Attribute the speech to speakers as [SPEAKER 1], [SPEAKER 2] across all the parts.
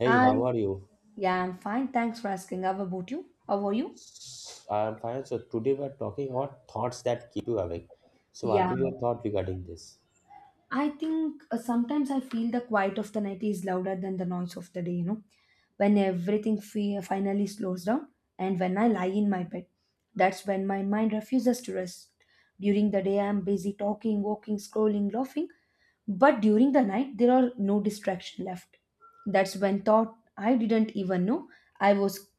[SPEAKER 1] Hey,
[SPEAKER 2] I
[SPEAKER 1] how are you?
[SPEAKER 2] yeah, I'm fine. Thanks for asking. How about you? How are you?
[SPEAKER 1] I'm fine. So today we are talking about thoughts that keep you awake. So what
[SPEAKER 2] Yeah.
[SPEAKER 1] is your thought regarding this?
[SPEAKER 2] I think sometimes I feel the quiet of the night is louder than the noise of the day, when everything finally slows down and when I lie in my bed. That's when my mind refuses to rest. During the day, I am busy talking, walking, scrolling, laughing, but during the night, there are no distraction left. That's when thought I didn't even know I was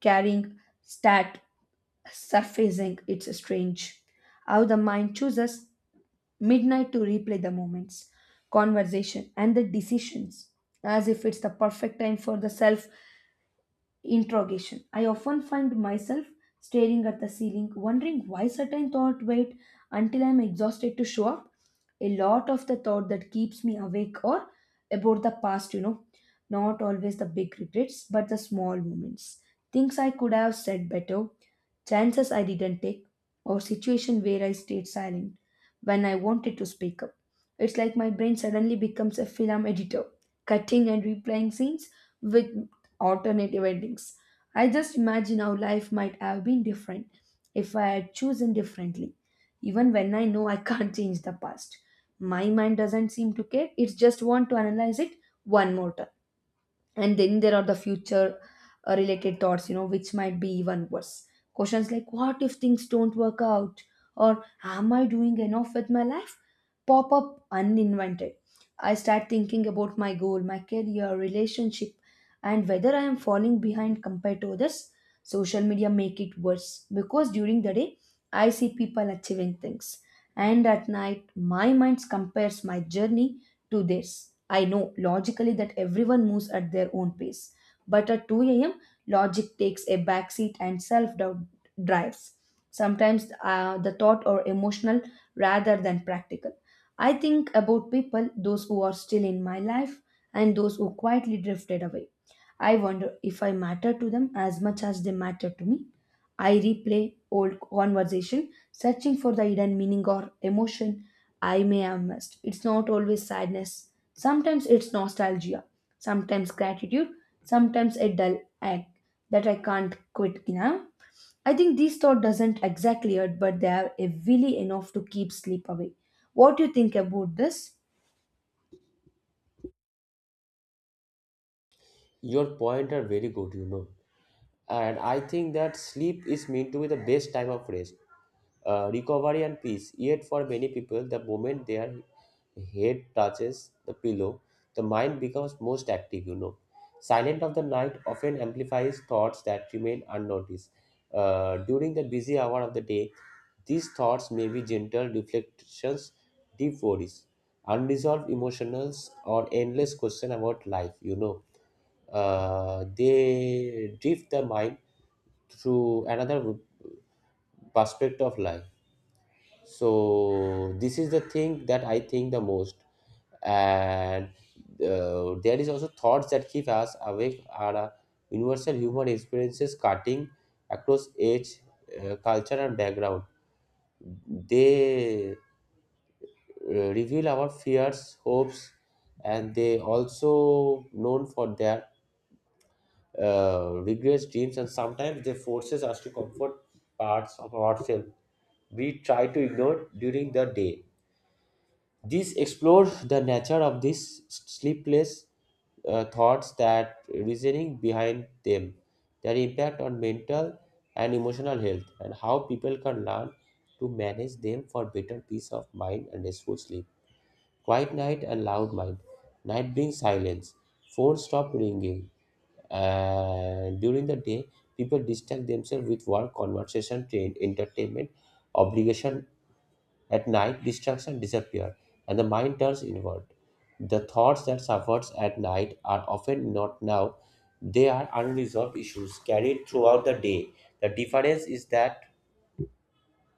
[SPEAKER 2] carrying stat surfacing. It's strange how the mind chooses midnight to replay the moments, conversation, and the decisions as if it's the perfect time for the self interrogation. I often find myself staring at the ceiling, wondering why certain thought wait until I'm exhausted to show up. A lot of the thought that keeps me awake or about the past, not always the big regrets, but the small moments. Things I could have said better, chances I didn't take, or situation where I stayed silent when I wanted to speak up. It's like my brain suddenly becomes a film editor, cutting and replaying scenes with alternative endings. I just imagine how life might have been different if I had chosen differently. Even when I know I can't change the past, my mind doesn't seem to care. It just want to analyze it one more time, and then there are the future related thoughts which might be even worse. Questions like, what if things don't work out, or am I doing enough with my life, pop up uninvented. I start thinking about my goal, my career, relationship, and whether I am falling behind compared to others. Social media make it worse because during the day I see people achieving things, and at night my mind compares my journey to this. I know logically that everyone moves at their own pace, but at 2 a.m., logic takes a backseat and self doubt drives. Sometimes, the thought or emotional rather than practical. I think about people, those who are still in my life and those who quietly drifted away. I wonder if I matter to them as much as they matter to me. I replay old conversation, searching for the hidden meaning or emotion I may have missed. It's not always sadness. Sometimes it's nostalgia, sometimes gratitude, sometimes a dull ache that I can't quit now. I think these thought doesn't exactly hurt, but they are heavily enough to keep sleep away. What do you think about this?
[SPEAKER 1] Your point are very good, you know. And I think that sleep is meant to be the best time of rest, recovery, and peace. Yet, for many people, the moment their head touches the pillow, the mind becomes most active, you know. Silent of the night often amplifies thoughts that remain unnoticed. During the busy hour of the day, these thoughts may be gentle reflections, deep worries unresolved emotionals or endless question about life, you know. They drift the mind through another perspective of life. So this is the thing that I think the most. And there is also thoughts that keep us awake are universal human experiences cutting across age, culture and background. They reveal our fears, hopes, and they also known for their regrets, dreams, and sometimes they forces us to comfort parts of ourselves we try to ignore during the day. This explores the nature of these sleepless thoughts, that reasoning behind them, their impact on mental and emotional health, and how people can learn to manage them for better peace of mind and restful sleep. Quiet night and loud mind. Night brings silence. Phones stop ringing. And during the day, people distract themselves with work, conversation, train, entertainment, obligation. At night, distraction disappear, and the mind turns inward. The thoughts that suffers at night are often not now. They are unresolved issues carried throughout the day. The difference is that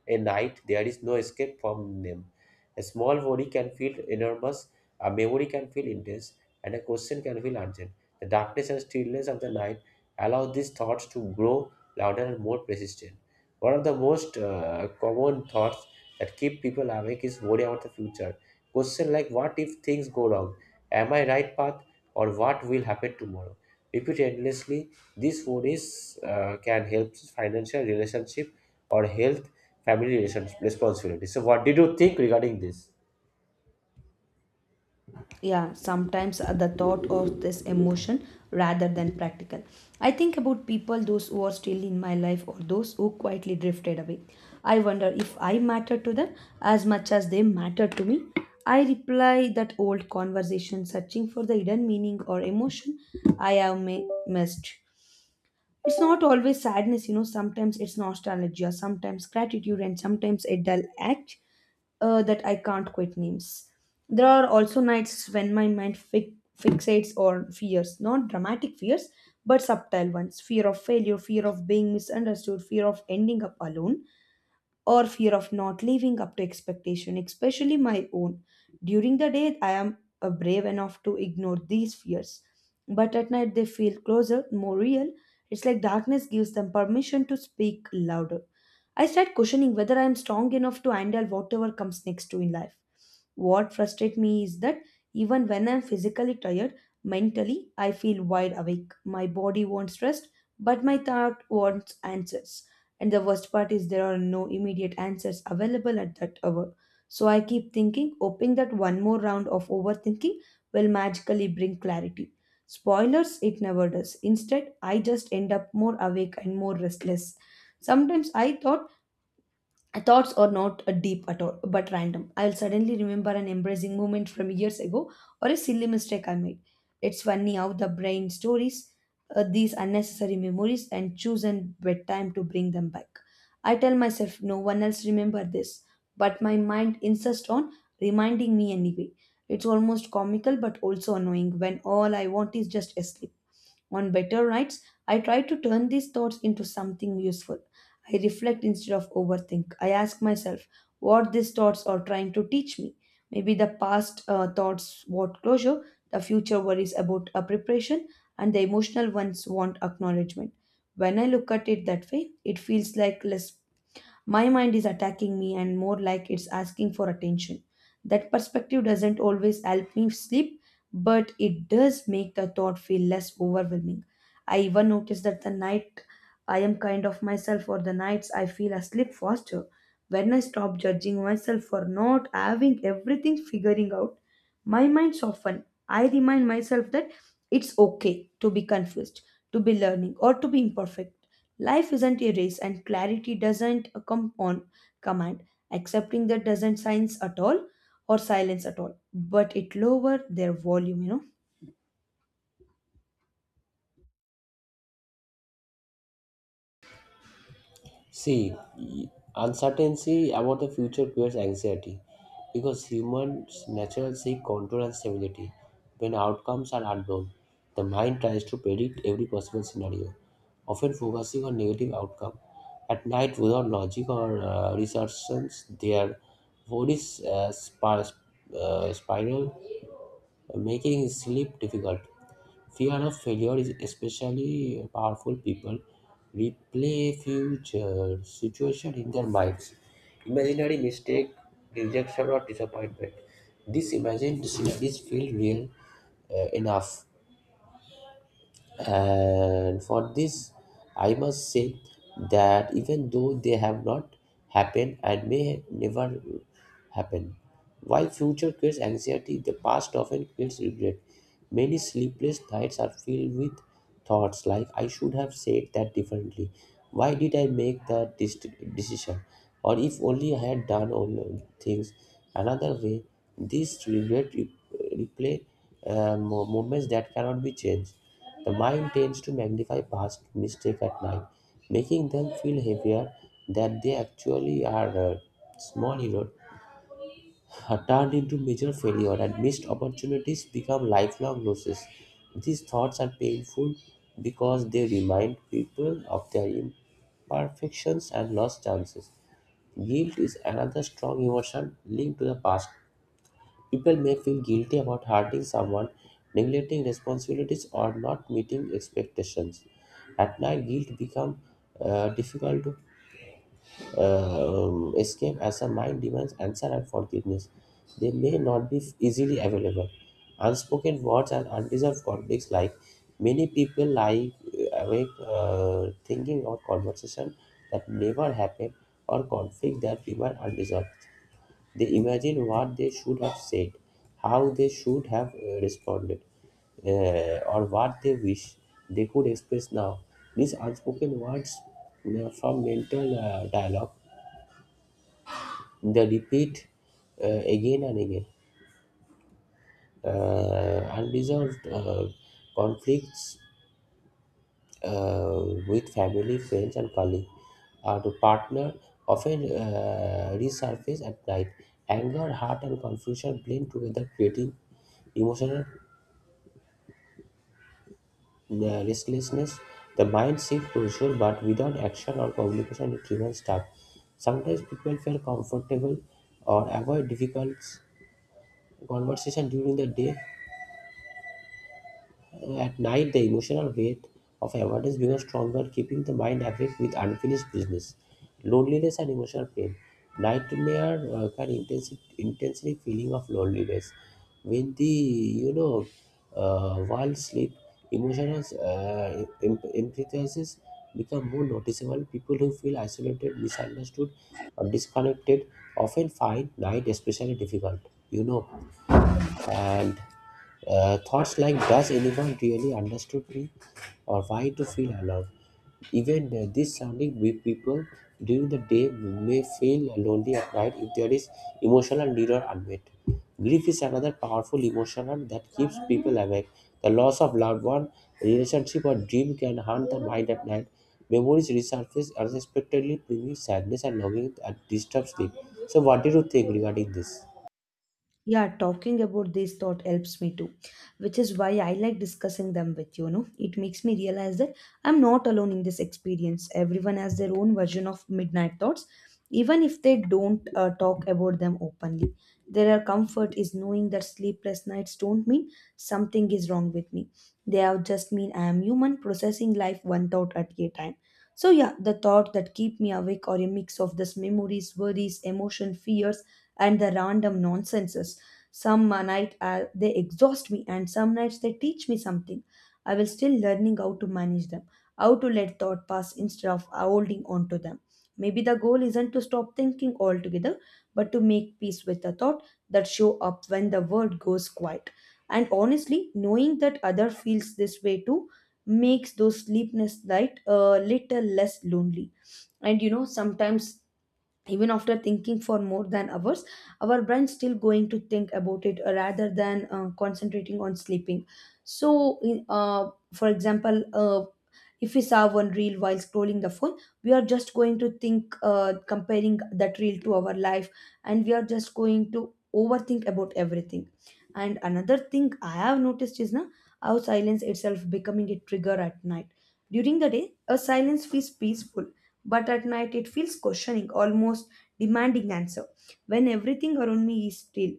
[SPEAKER 1] a night, there is no escape from them. A small worry can feel enormous, a memory can feel intense, and a question can feel urgent. The darkness and stillness of the night allow these thoughts to grow louder and more persistent. One of the most common thoughts that keep people awake is worry about the future. Question like, what if things go wrong? Am I right path? Or what will happen tomorrow? Repeat endlessly. These worries can help financial relationship or health, family relationship responsibility. So, what did you think regarding this?
[SPEAKER 2] Yeah, sometimes the thought of this emotion rather than practical. I think about people, those who are still in my life or those who quietly drifted away. I wonder if I matter to them as much as they matter to me. I reply that old conversation, searching for the hidden meaning or emotion I have missed. It's not always sadness, sometimes it's nostalgia, sometimes gratitude, and sometimes a dull act that I can't quite names. There are also nights when my mind fixates on fears, not dramatic fears, but subtle ones fear of failure, fear of being misunderstood, fear of ending up alone or fear of not living up to expectation, especially my own. During the day, I am brave enough to ignore these fears, but at night they feel closer, more real. It's like darkness gives them permission to speak louder. I start questioning whether I am strong enough to handle whatever comes next to in life. What frustrates me is that even when I'm physically tired, mentally I feel wide awake. My body wants rest, but my thought wants answers. And the worst part is there are no immediate answers available at that hour. So I keep thinking, hoping that one more round of overthinking will magically bring clarity. Spoilers, it never does. Instead, I just end up more awake and more restless. Sometimes I thought thoughts are not deep at all, but random. I'll suddenly remember an embracing moment from years ago or a silly mistake I made. It's funny how the brain stories these unnecessary memories and choose a bedtime to bring them back. I tell myself no one else remember this, but my mind insists on reminding me anyway. It's almost comical but also annoying when all I want is just a sleep. On better nights, I try to turn these thoughts into something useful. I reflect instead of overthink. I ask myself what these thoughts are trying to teach me. Maybe the past thoughts want closure, the future worries about a preparation, and the emotional ones want acknowledgement. When I look at it that way, it feels like less my mind is attacking me and more like it's asking for attention. That perspective doesn't always help me sleep, but it does make the thought feel less overwhelming. I even notice that the night I am kind of myself, or the nights I feel asleep faster. When I stop judging myself for not having everything figuring out, my mind softens. I remind myself that it's okay to be confused to be learning or to be imperfect. Life isn't a race and clarity doesn't come on command. Accepting that doesn't silence at all or silence at all, but it lower their volume, you
[SPEAKER 1] See, uncertainty about the future creates anxiety because humans naturally seek control and stability. When outcomes are unknown, the mind tries to predict every possible scenario, often focusing on negative outcome. At night, without logic or research, their bodies spiral, making sleep difficult. Fear of failure is especially powerful. People replay future situation in their minds. Imaginary mistake, rejection, or disappointment. These imagined scenarios feel real enough, and for this I must say that even though they have not happened and may never happen. While future creates anxiety, the past often creates regret. Many sleepless nights are filled with thoughts like, I should have said that differently, why did I decision, or if only I had done all things another way. This replay moments that cannot be changed. The mind tends to magnify past mistakes at night, making them feel heavier than they actually are. Small errors are turned into major failure, and missed opportunities become lifelong losses. These thoughts are painful because they remind people of their imperfections and lost chances. Guilt is another strong emotion linked to the past. People may feel guilty about hurting someone, neglecting responsibilities, or not meeting expectations. At night, guilt becomes difficult to escape as the mind demands answer and forgiveness. They may not be easily available. Unspoken words and unresolved conflicts, like many people lie awake thinking of conversation that never happened or conflict that remain unresolved. They imagine what they should have said, how they should have responded, or what they wish they could express now. These unspoken words from mental dialogue, they repeat again and again. Unresolved conflicts with family, friends, and colleagues or to partner often resurface at night. Anger, hurt, and confusion blend together, creating emotional. The restlessness, the mind seeks pursuit, but without action or communication, it remains stuck. Sometimes people feel comfortable or avoid difficult conversation during the day. At night, the emotional weight of avoidance becomes stronger, keeping the mind awake with unfinished business, loneliness, and emotional pain. Nightmare can intensely feeling of loneliness. When the, you know, while sleep, emotional implications become more noticeable. People who feel isolated, misunderstood, or disconnected often find night especially difficult. You know,
[SPEAKER 2] know.
[SPEAKER 1] and thoughts like, does anyone really understood me or why to feel alone? Even this sounding with people during the day may feel lonely at night if there is emotional need or unmet. Grief is another powerful emotion that keeps people awake. The loss of loved one, relationship or dream can haunt the mind at night. Memories resurface unexpectedly, bringing sadness and longing that disturb sleep. So, what did you think regarding this?
[SPEAKER 2] Yeah, talking about this thought helps me too, which is why I like discussing them with you. It makes me realize that I'm not alone in this experience. Everyone has their own version of midnight thoughts, even if they don't talk about them openly. Their comfort is knowing that sleepless nights don't mean something is wrong with me. They have just mean I am human, processing life one thought at a time. So yeah, the thought that keep me awake are a mix of this memories, worries, emotion, fears, and the random nonsenses. Some night they exhaust me, and some nights they teach me something. I will still learning how to manage them, how to let thought pass instead of holding on to them. Maybe the goal isn't to stop thinking altogether, but to make peace with the thought that show up when the world goes quiet. And honestly, knowing that other feels this way too makes those sleepless night a little less lonely. And sometimes, even after thinking for more than hours, our brain's still going to think about it, rather than concentrating on sleeping. So for example, if we saw one reel while scrolling the phone, we are just going to think, comparing that reel to our life, and we are just going to overthink about everything. And another thing I have noticed is na how silence itself becoming a trigger at night. During the day, a silence feels peaceful, but at night it feels questioning, almost demanding answer. When everything around me is still,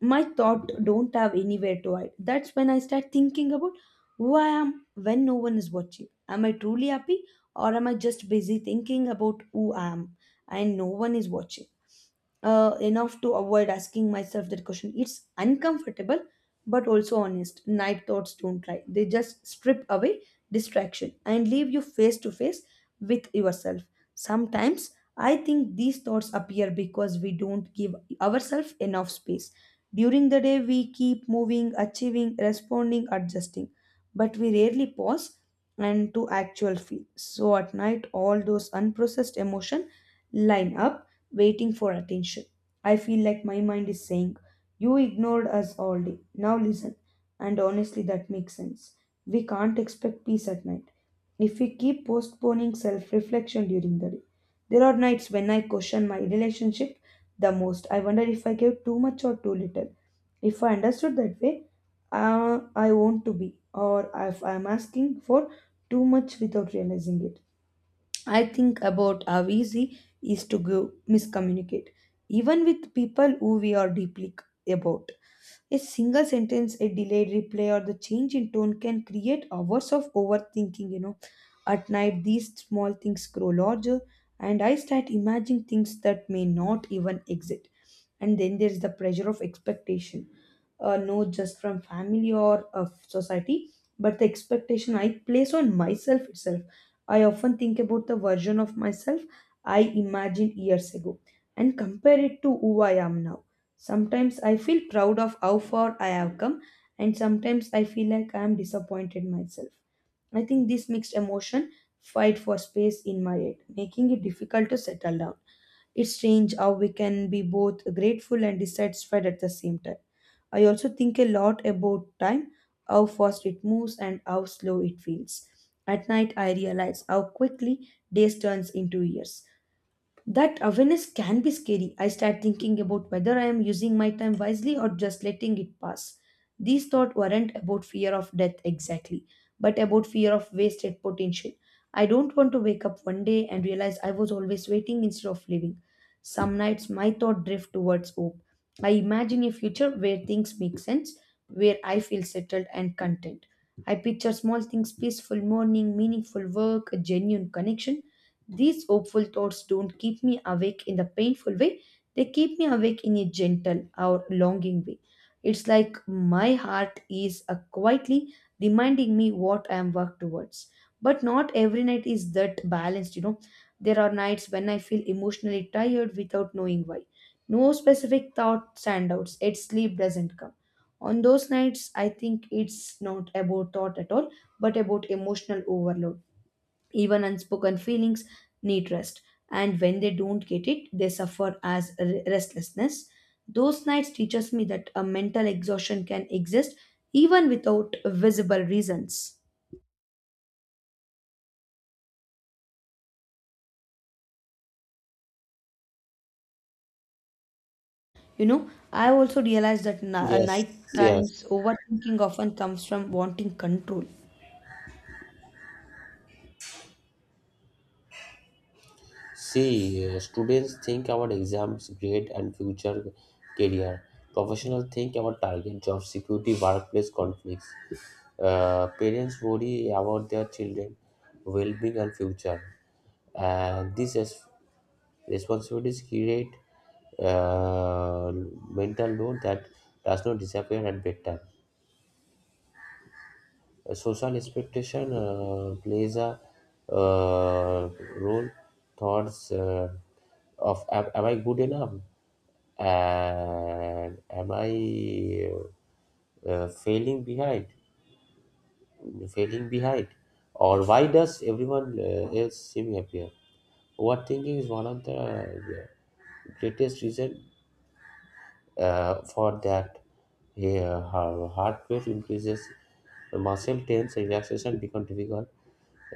[SPEAKER 2] my thought don't have anywhere to hide. That's when I start thinking about who I am when no one is watching. Am I truly happy, or am I just busy thinking about who I am and no one is watching enough to avoid asking myself that question. It's uncomfortable, but also honest. Night thoughts don't lie, they just strip away distraction and leave you face to face with yourself. Sometimes I think these thoughts appear because we don't give ourselves enough space. During the day, we keep moving, achieving, responding, adjusting, but we rarely pause and to actual feel. So at night, all those unprocessed emotion line up, waiting for attention. I feel like my mind is saying, "You ignored us all day. Now listen." And honestly, that makes sense. We can't expect peace at night if we keep postponing self reflection during the day. There are nights when I question my relationship the most. I wonder if I gave too much or too little. If I understood that way, I want to be, or if I'm asking for too much without realizing it. I think about how easy is to go miscommunicate, even with people who we are deeply about. A single sentence, a delayed reply, or the change in tone can create hours of overthinking. At night these small things grow larger, and I start imagining things that may not even exist. And then there is the pressure of expectation, not just from family or of society, but the expectation I place on myself itself. I often think about the version of myself I imagined years ago and compare it to who I am now. Sometimes I feel proud of how far I have come, and sometimes I feel like I am disappointed myself. I think this mixed emotion fight for space in my head, making it difficult to settle down. It's strange how we can be both grateful and dissatisfied at the same time. I also think a lot about time, how fast it moves and how slow it feels. At night I realize how quickly days turns into years. That awareness can be scary. I start thinking about whether I am using my time wisely or just letting it pass. These thoughts weren't about fear of death exactly, but about fear of wasted potential. I don't want to wake up one day and realize I was always waiting instead of living. Some nights my thought drift towards hope. I imagine a future where things make sense, where I feel settled and content. I picture small things peaceful morning, meaningful work, a genuine connection these hopeful thoughts don't keep me awake in the painful way, they keep me awake in a gentle or longing way. It's like my heart is quietly reminding me what I am work towards. But not every night is that balanced, There are nights when I feel emotionally tired without knowing why. No specific thought standouts, yet sleep doesn't come. On those nights, I think it's not about thought at all, but about emotional overload even unspoken feelings need rest and when they don't get it they suffer as restlessness. Those nights teaches me that a mental exhaustion can exist even without visible reasons. You know, I also realized that
[SPEAKER 1] Yes,
[SPEAKER 2] night
[SPEAKER 1] yes.
[SPEAKER 2] times overthinking often comes from wanting control.
[SPEAKER 1] See, students think about exams, grade, and future career. Professionals think about target, job security, workplace conflicts. Parents worry about their children' well-being and future. And these responsibilities create uh, mental load that does not disappear at bedtime. Social expectation plays a uh, role. Thoughts of, am I good enough, and am I uh, failing behind failing behind, or why does everyone else seem happier? Overthinking is one of the greatest reason for that. Here, her heart rate increases, the muscle tense, relaxation become difficult,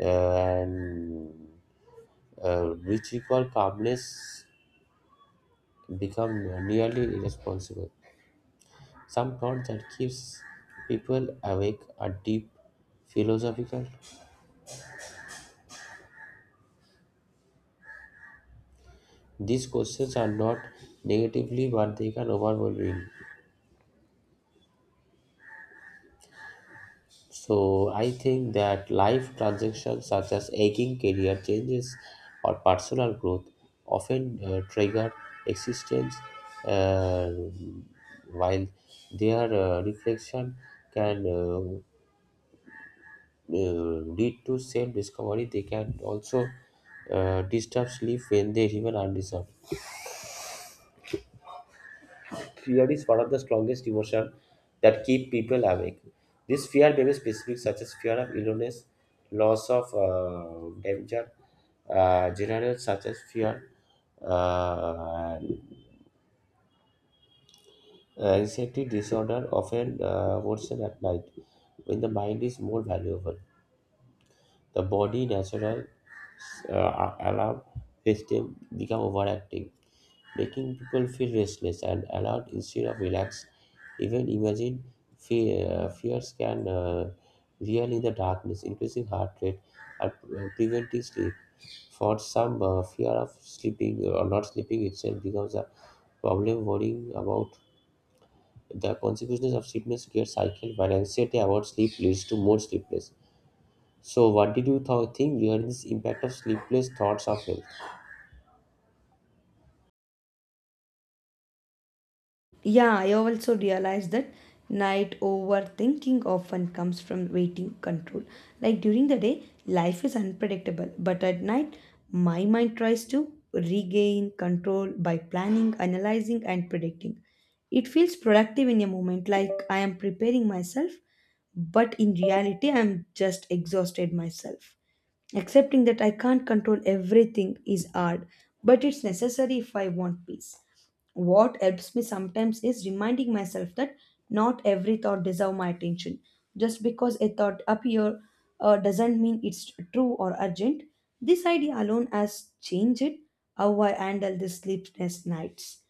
[SPEAKER 1] and which equal calmness become nearly irresponsible. Some thought that keeps people awake are deep philosophical. These questions are not negatively, but they can overwhelm you. So I think that life transactions such as aging career changes or personal growth often trigger existence, uh, while their reflection can lead to self-discovery. They can also disturb sleep when they even undeserved. Fear is one of the strongest emotions that keep people awake. This fear may be specific, such as fear of illness, loss of danger, general such as fear, uh, anxiety disorder often worsen at night when the mind is more valuable. The body natural alarm system become overactive, making people feel restless and alert instead of relaxed. Even imagine fears can real in the darkness, increasing heart rate and preventing sleep. For some, fear of sleeping or not sleeping itself becomes a problem. Worrying about the consequences of sleepiness gets cycled, but anxiety about sleep leads to more sleepless. So, what did you think regarding this impact of sleepless thoughts of health?
[SPEAKER 2] Yeah, I also realized that night overthinking often comes from waiting control. Like during the day, life is unpredictable, but at night, my mind tries to regain control by planning, analyzing, and predicting. It feels productive in a moment, like I am preparing myself, but in reality, I am just exhausted myself. Accepting that I can't control everything is hard, but it's necessary if I want peace. What helps me sometimes is reminding myself that not every thought deserves my attention. Just because a thought appear doesn't mean it's true or urgent. This idea alone has changed how I handle the sleepless nights.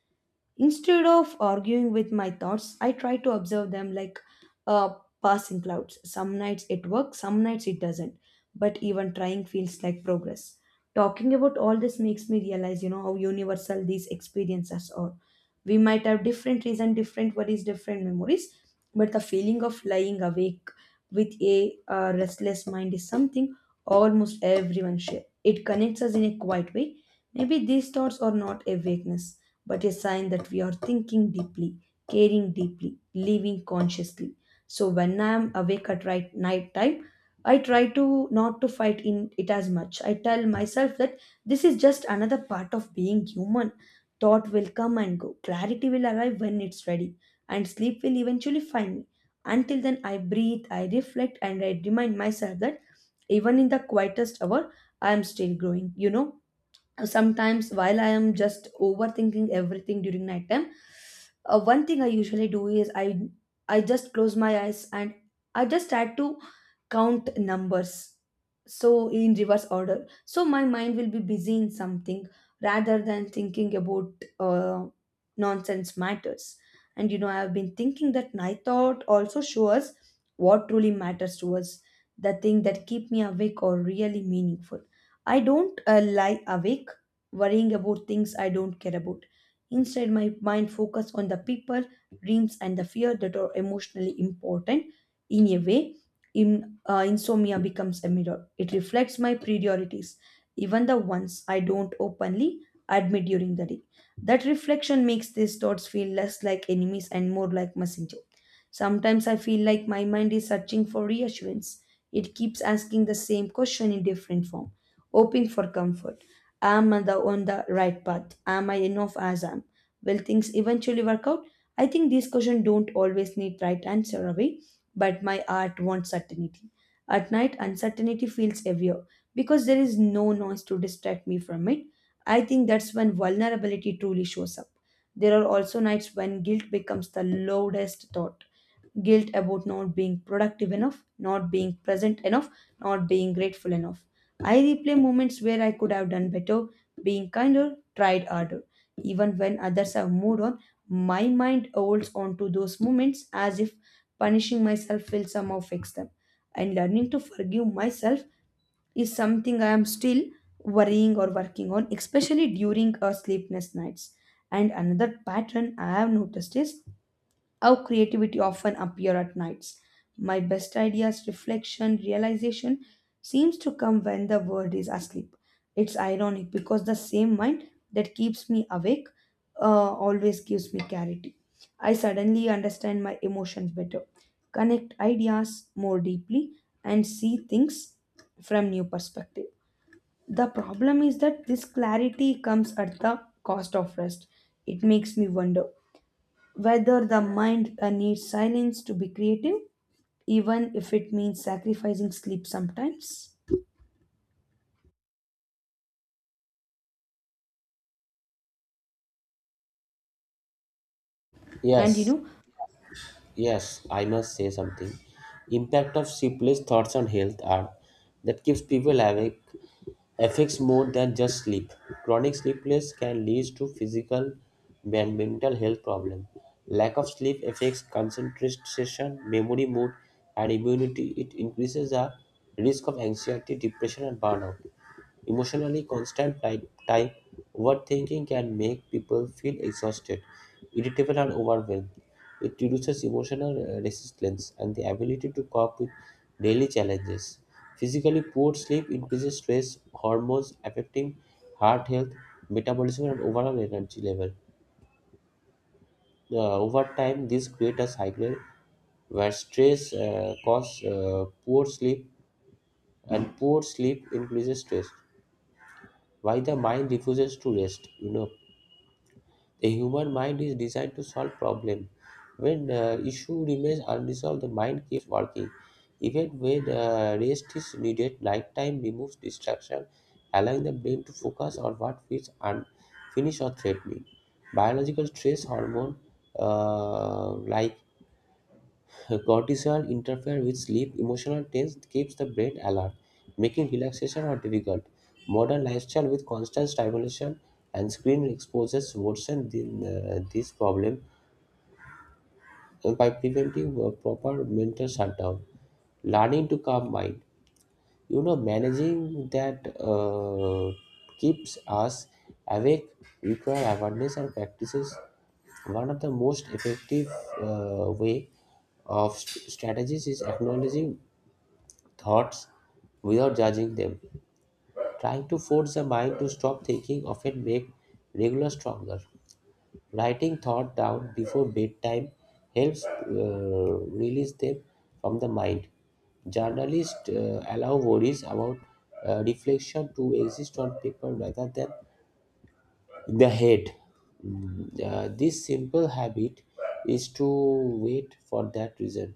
[SPEAKER 2] Instead of arguing with my thoughts, I try to observe them like uh, passing clouds. Some nights it works, some nights it doesn't. But even trying feels like progress. Talking about all this makes me realize, you know, how universal these experiences are. We might have different reason, different worries, different memories, but the feeling of lying awake with a restless mind is something almost everyone share. It connects us in a quiet way. Maybe these thoughts are not a weakness but a sign that we are thinking deeply, caring deeply, living consciously. So when I am awake at right night time, I try to not to fight in it as much. I tell myself that this is just another part of being human. Thought will come and go. Clarity will arrive when it's ready, and sleep will eventually find me. Until then, I breathe, I reflect, and I remind myself that even in the quietest hour, I am still growing. You know, sometimes while I am just overthinking everything during nighttime, one thing I usually do is I just close my eyes and I just try to count numbers so in reverse order so my mind will be busy in something rather than thinking about uh, nonsense matters. And you know, I have been thinking that night thought also shows what truly matters to us, the thing that keep me awake or really meaningful. I don't lie awake worrying about things I don't care about. Instead, my mind focuses on the people, dreams, and the fear that are emotionally important. In a way, insomnia becomes a mirror. It reflects my priorities, even the ones I don't openly admit during the day. That reflection makes these thoughts feel less like enemies and more like messengers. Sometimes I feel like my mind is searching for reassurance. It keeps asking the same question in different form, hoping for comfort. Am I the on the right path? Am I enough as I am? Will things eventually work out? I think these questions don't always need right answer away, but my heart wants certainty. At night, uncertainty feels heavier because there is no noise to distract me from it. I think that's when vulnerability truly shows up. There are also nights when guilt becomes the loudest thought, guilt about not being productive enough, not being present enough, not being grateful enough. I replay moments where I could have done better, being kinder, tried harder. Even when others have moved on, my mind holds on to those moments as if punishing myself will somehow fix them. And learning to forgive myself is something I am still worrying or working on, especially during our sleepless nights. And another pattern I have noticed is how creativity often appear at nights. My best ideas, reflection, realization seems to come when the world is asleep. It's ironic because the same mind that keeps me awake uh, always gives me clarity. I suddenly understand my emotions better, connect ideas more deeply, and see things from new perspective. The problem is that this clarity comes at the cost of rest. It makes me wonder whether the mind needs silence to be creative, even if it means sacrificing sleep sometimes. And you
[SPEAKER 1] Yes,
[SPEAKER 2] know,
[SPEAKER 1] yes, I must say something. Impact of sleepless thoughts on health are that keeps people awake affects more than just sleep. Chronic sleepless can lead to physical and mental health problems. Lack of sleep affects concentration, memory, mood, and immunity. It increases the risk of anxiety, depression, and burnout. Emotionally constant type overthinking can make people feel exhausted, irritable, and overwhelmed. It reduces emotional resilience and the ability to cope with daily challenges. Physically poor sleep increases stress hormones affecting heart health, metabolism, and overall energy level. Over time, this creates a cycle where stress causes poor sleep, and poor sleep increases stress. Why the mind refuses to rest? You know, the human mind is designed to solve problems. When issue remains unresolved, the mind keeps working. Even when rest is needed, nighttime removes distraction, allowing the brain to focus on what feels unfinished or threatening. Biological stress hormone like cortisol interferes with sleep. Emotional tense keeps the brain alert, making relaxation or difficult. Modern lifestyle with constant stimulation and screen exposures worsen this problem by preventing proper mental shutdown. Learning to calm mind, you know, managing that keeps us awake require awareness and practices. One of the most effective way of strategies is acknowledging thoughts without judging them. Trying to force the mind to stop thinking often makes regular stronger. Writing thought down before bedtime helps release them from the mind. Journalists allow worries about reflection to exist on paper rather than in the head. This simple habit is to wait for that reason,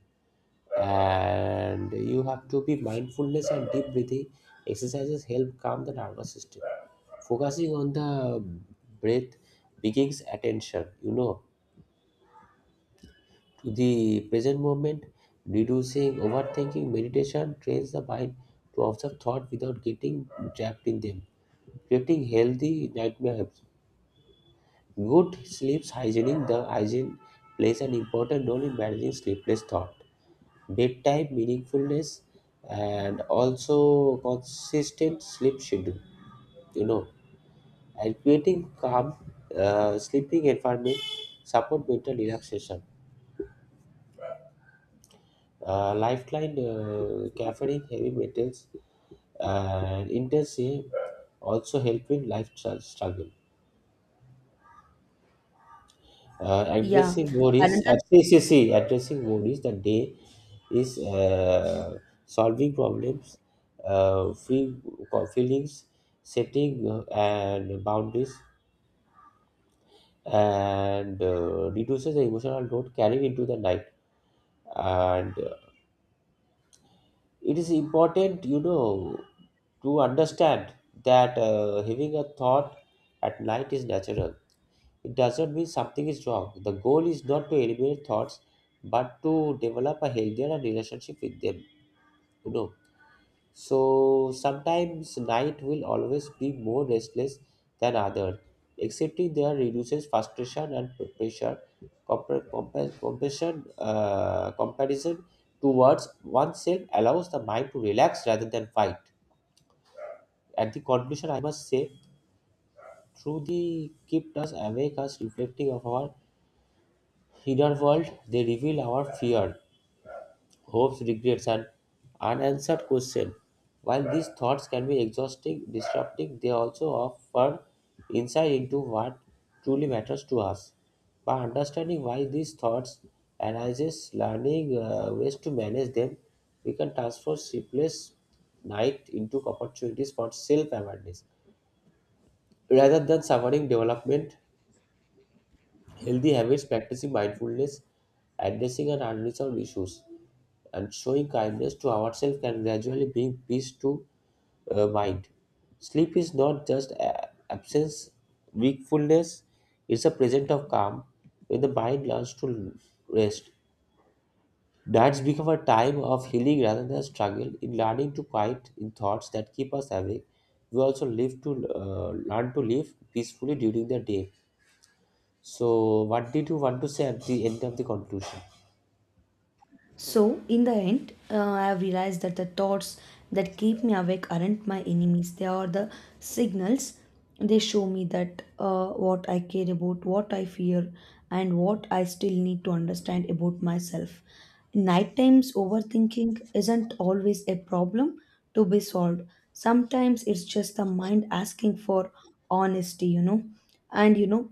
[SPEAKER 1] and you have to be mindfulness. And deep breathing exercises help calm the nervous system, focusing on the breath, begins attention, you know, to the present moment, reducing overthinking. Meditation trains the mind to observe thought without getting trapped in them, creating healthy nightmares. Good sleep hygiene, the hygiene plays an important role in managing sleepless thought. Bed type, meaningfulness, and also consistent sleep schedule. You know, and creating calm sleeping environment support mental relaxation. Lifeline, caffeine, heavy metals, and intensity also help in life struggle.
[SPEAKER 2] yeah,
[SPEAKER 1] Addressing worries,
[SPEAKER 2] another.
[SPEAKER 1] addressing worries the day is solving problems, uh, free feelings, setting and boundaries, and reduces the emotional load carried into the night. And it is important, you know, to understand that having a thought at night is natural. It does not mean something is wrong. The goal is not to eliminate thoughts, but to develop a healthier relationship with them. You know, so sometimes night will always be more restless than other, excepting there reduces frustration and pressure. Compassion, comparison towards oneself allows the mind to relax rather than fight. At the conclusion, I must say, through the kept us awake, us reflecting of our inner-world, they reveal our fear, hopes, regrets, and unanswered questions. While these thoughts can be exhausting, disrupting, they also offer insight into what truly matters to us. By understanding why these thoughts arises, learning ways to manage them, we can transform sleepless night into opportunities for self-awareness rather than suffering development. Healthy habits, practicing mindfulness, addressing and unresolved issues, and showing kindness to ourselves can gradually bring peace to mind. Sleep is not just absence, wakefulness, it's a present of calm. When the mind learns to rest, nights become a time of healing rather than struggle. In learning to quiet in thoughts that keep us awake, we also live to learn to live peacefully during the day. So, what did you want to say at the end of the conclusion?
[SPEAKER 2] So, in the end, I have realized that the thoughts that keep me awake aren't my enemies. They are the signals. They show me that what I care about, what I fear, and what I still need to understand about myself. Night times overthinking isn't always a problem to be solved. Sometimes it's just the mind asking for honesty, you know. And you know,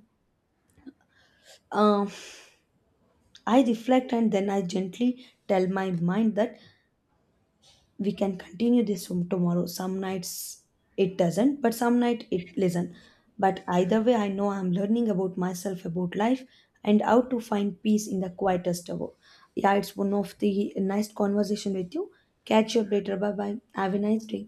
[SPEAKER 2] uh, I reflect and then I gently tell my mind that we can continue this from tomorrow. Some nights it doesn't but some night it listen, but either way I know I'm learning about myself, about life, and how to find peace in the quietest hour. Yeah, it's one of the nice conversation with you. Catch you up later. Bye bye, have a nice day.